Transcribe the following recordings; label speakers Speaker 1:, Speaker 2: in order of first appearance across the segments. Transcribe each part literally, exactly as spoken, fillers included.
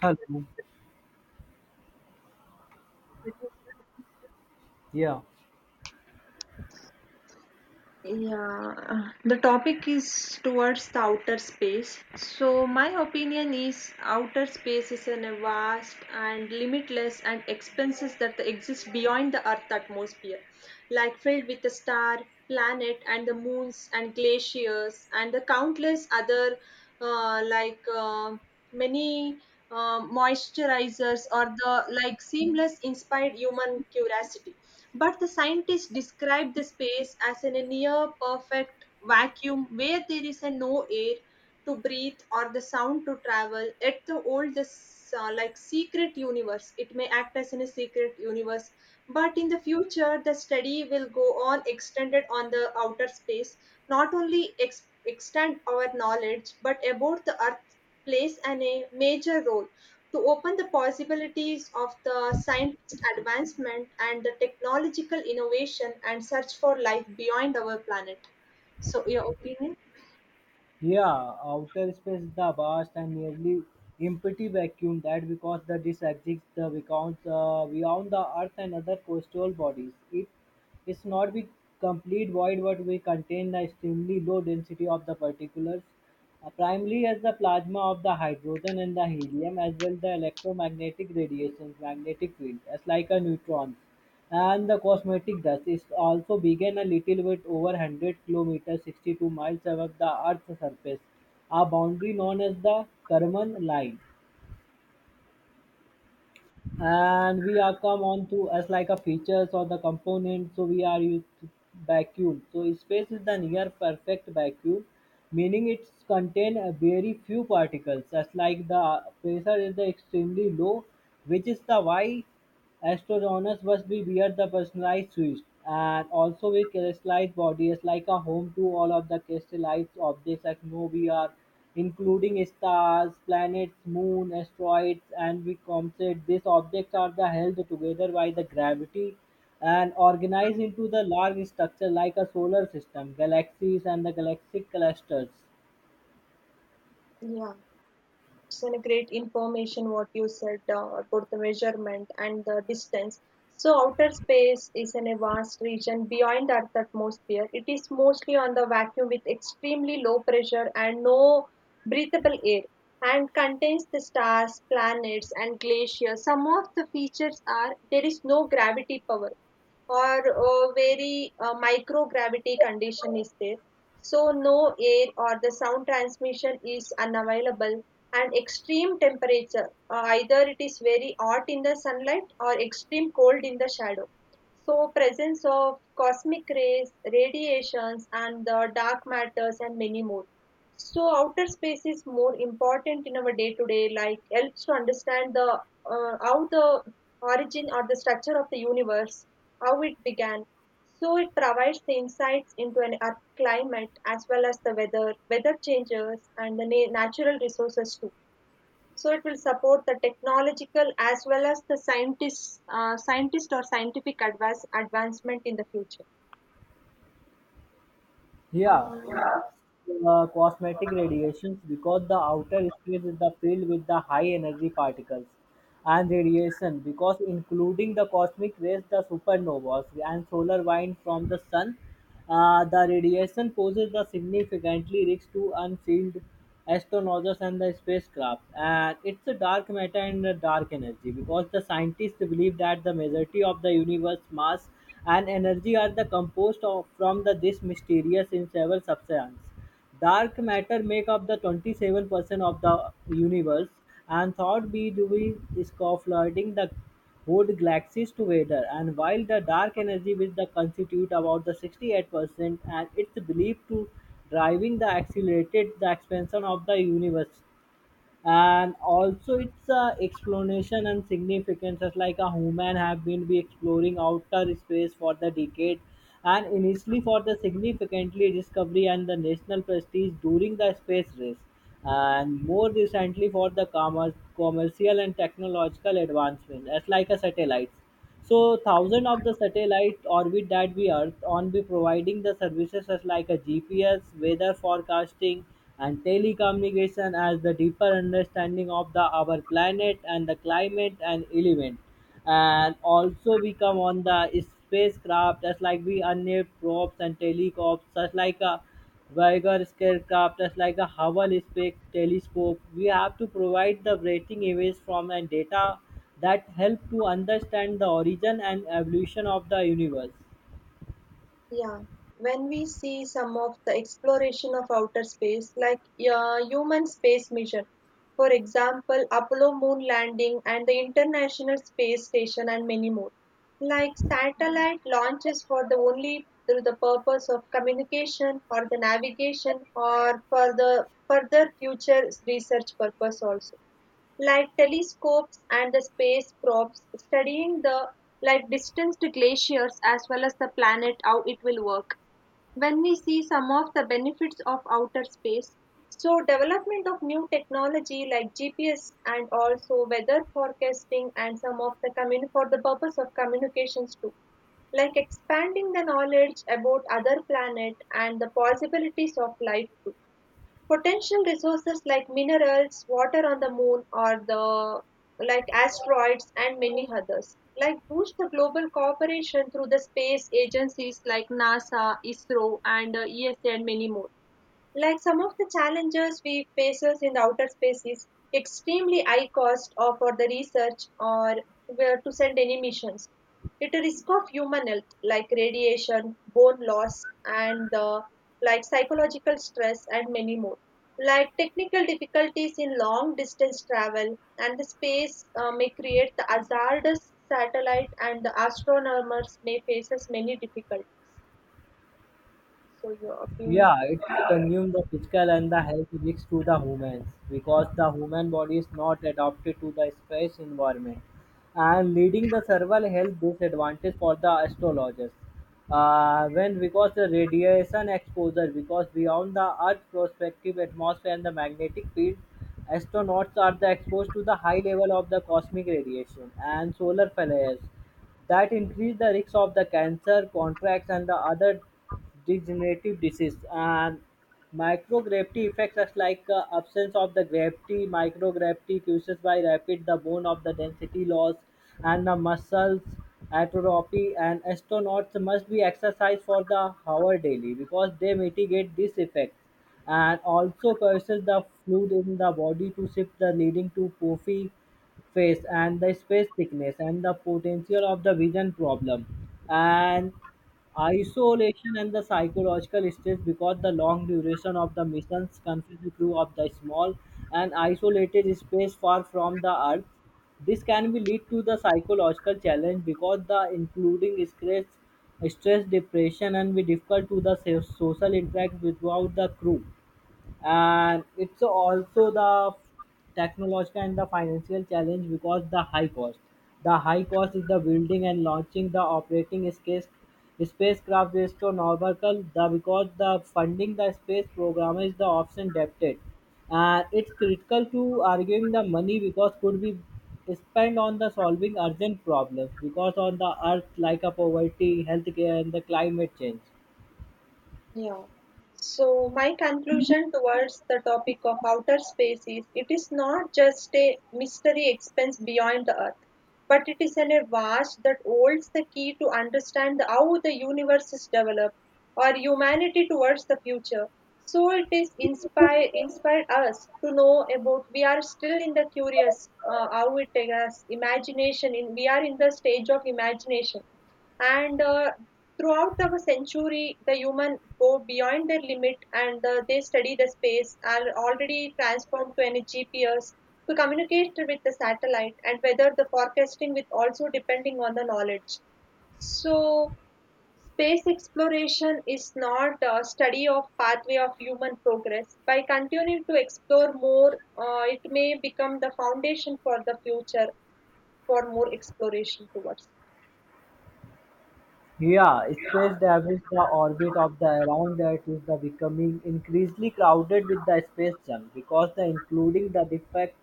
Speaker 1: Hello. Yeah,
Speaker 2: Yeah, uh, the topic is towards the outer space. So, my opinion is outer space is an a vast and limitless and expanses that exist beyond the Earth atmosphere, like filled with the star, planet, and the moons and glaciers and the countless other uh, like uh, many. Um, moisturizers or the like seamless inspired human curiosity, but the scientists describe the space as in a near perfect vacuum where there is a no air to breathe or the sound to travel at the old this uh, like secret universe, it may act as in a secret universe. But in the future the study will go on extended on the outer space, not only ex- extend our knowledge but about the earth, plays an a major role to open the possibilities of the scientist advancement and the technological innovation and search for life beyond our planet. So your opinion?
Speaker 1: yeah. Outer space, the vast and nearly empty vacuum that because the disk exists the beyond, uh, beyond the Earth and other coastal bodies. It is not the complete void, but we contain the extremely low density of the particles, uh, primarily as the plasma of the hydrogen and the helium, as well the electromagnetic radiation, magnetic field, as like a neutron. And the cosmetic dust is also began a little bit over one hundred kilometers, sixty-two miles above the Earth's surface, a boundary known as the Kármán line. And we are come on to us like a features or the component. So we are used to vacuum. So space is the near perfect vacuum, meaning it's contain a very few particles. As like the pressure is the extremely low, which is the why Astroronus must be revered the personalized suits, and also with crystallized bodies, like a home to all of the crystallized objects atmosphere, including stars, planets, moon, asteroids, and we comets. These objects are the held together by the gravity and organized into the large structure like a solar system, galaxies, and the galactic clusters.
Speaker 2: Yeah. It's a great information what you said uh, about the measurement and the distance. So outer space is in a vast region beyond earth's atmosphere. It is mostly on the vacuum with extremely low pressure and no breathable air, and contains the stars, planets, and glaciers. Some of the features are there is no gravity power or a very uh, microgravity condition is there. So no air or the sound transmission is unavailable, and extreme temperature, uh, either it is very hot in the sunlight or extreme cold in the shadow. So presence of cosmic rays, radiations and the dark matters and many more. So outer space is more important in our day to day, like helps to understand the uh, how the origin or the structure of the universe, how it began. So it provides the insights into an Earth climate as well as the weather, weather changes, and the na- natural resources too. So it will support the technological as well as the scientists, uh, scientist or scientific advance advancement in the future.
Speaker 1: Yeah,
Speaker 2: Um,
Speaker 1: uh, cosmetic radiations because the outer space is the filled with the high energy particles and radiation because including the cosmic rays, the supernovas, and solar wind from the sun. Uh, the radiation poses the significantly risk to unsealed astronauts and the spacecraft. And it's a dark matter and a dark energy because the scientists believe that the majority of the universe mass and energy are the composed of from the this mysterious in several substance. Dark matter make up the twenty-seven percent of the universe and thought be doing is flooding the whole galaxies together, and while the dark energy with the constitute about the sixty-eight percent and it's believed to driving the accelerated the expansion of the universe. And also its uh, explanation and significances, like a human have been be exploring outer space for the decade, and initially for the significantly discovery and the national prestige during the space race, and more recently for the commerce, commercial and technological advancement, as like a satellites. So thousand of the satellite orbit that we Earth on be providing the services such like a G P S, weather forecasting, and telecommunication as the deeper understanding of the our planet and the climate and element. And also we come on the spacecraft as like we unmanned probes and telecops, such like a Voyager spacecraft is like the Hubble Space Telescope. We have to provide the rating images from and data that help to understand the origin and evolution of the universe.
Speaker 2: Yeah, when we see some of the exploration of outer space, like uh, human space mission, for example, Apollo moon landing and the International Space Station, and many more, like satellite launches for the only through the purpose of communication or the navigation or for the further future research purpose also, like telescopes and the space probes studying the like distanced glaciers as well as the planet how it will work. When we see some of the benefits of outer space, so development of new technology like g p s, and also weather forecasting and some of the commun- for the purpose of communications too, like expanding the knowledge about other planet and the possibilities of life too. Potential resources like minerals, water on the moon, or the like asteroids and many others. Like boost the global cooperation through the space agencies like NASA, ISRO, and uh, ESA, and many more. Like some of the challenges we faces in the outer space is extremely high cost or for the research or where to send any missions. It a risk of human health like radiation, bone loss, and the like psychological stress and many more. Like technical difficulties in long distance travel and the space uh, may create the hazardous satellite and the astronomers may faces many difficulties. So your opinion?
Speaker 1: Yeah, it's consume the physical and the health risks to the humans because the human body is not adapted to the space environment and leading the several health disadvantage for the astrologers. Uh, when because the radiation exposure because beyond the earth prospective atmosphere and the magnetic field, astronauts are the exposed to the high level of the cosmic radiation and solar flares that increase the risk of the cancer contracts and the other degenerative disease. And microgravity effects, such like uh, absence of the gravity, microgravity causes by rapid the bone of the density loss and the muscles atrophy. And astronauts must be exercised for the hour daily because they mitigate this effect, and also causes the fluid in the body to shift the leading to puffy face and the space thickness and the potential of the vision problem. And isolation and the psychological stress because the long duration of the missions confuse the crew of the small and isolated space far from the earth. This can be lead to the psychological challenge because the including stress, stress, depression, and be difficult to the so- social interact without the crew. And it's also the technological and the financial challenge because the high cost the high cost is the building and launching the operating space spacecraft is astronomical the because the funding the space program is the option debted. And it's critical to arguing the money because could be spent on the solving urgent problems because on the earth like a poverty, healthcare, and the climate change.
Speaker 2: Yeah. So my conclusion towards the topic of outer space is it is not just a mystery expanse beyond the earth, but it is an a vast that holds the key to understand how the universe is developed or humanity towards the future. So it is inspire inspired us to know about we are still in the curious, uh, how it takes us imagination in we are in the stage of imagination, and uh, throughout the century the human go beyond their limit, and uh, they study the space are already transformed to any g p s to communicate with the satellite and whether the forecasting with also depending on the knowledge. So space exploration is not a study of pathway of human progress. By continuing to explore more, uh, it may become the foundation for the future for more exploration towards.
Speaker 1: Yeah, space debris, the orbit of the around that is the becoming increasingly crowded with the space junk because the including the defect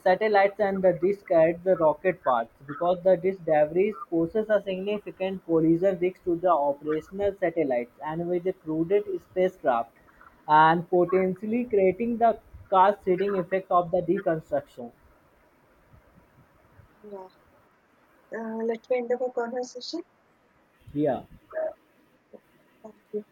Speaker 1: satellites and the disk at the rocket parts, because the disk debris poses a significant collision risk to the operational satellites and with the crowded spacecraft, and potentially creating the car seeding effect of the deconstruction.
Speaker 2: Yeah. Uh, let me end up our conversation.
Speaker 1: Yeah.
Speaker 2: Yeah, thank you.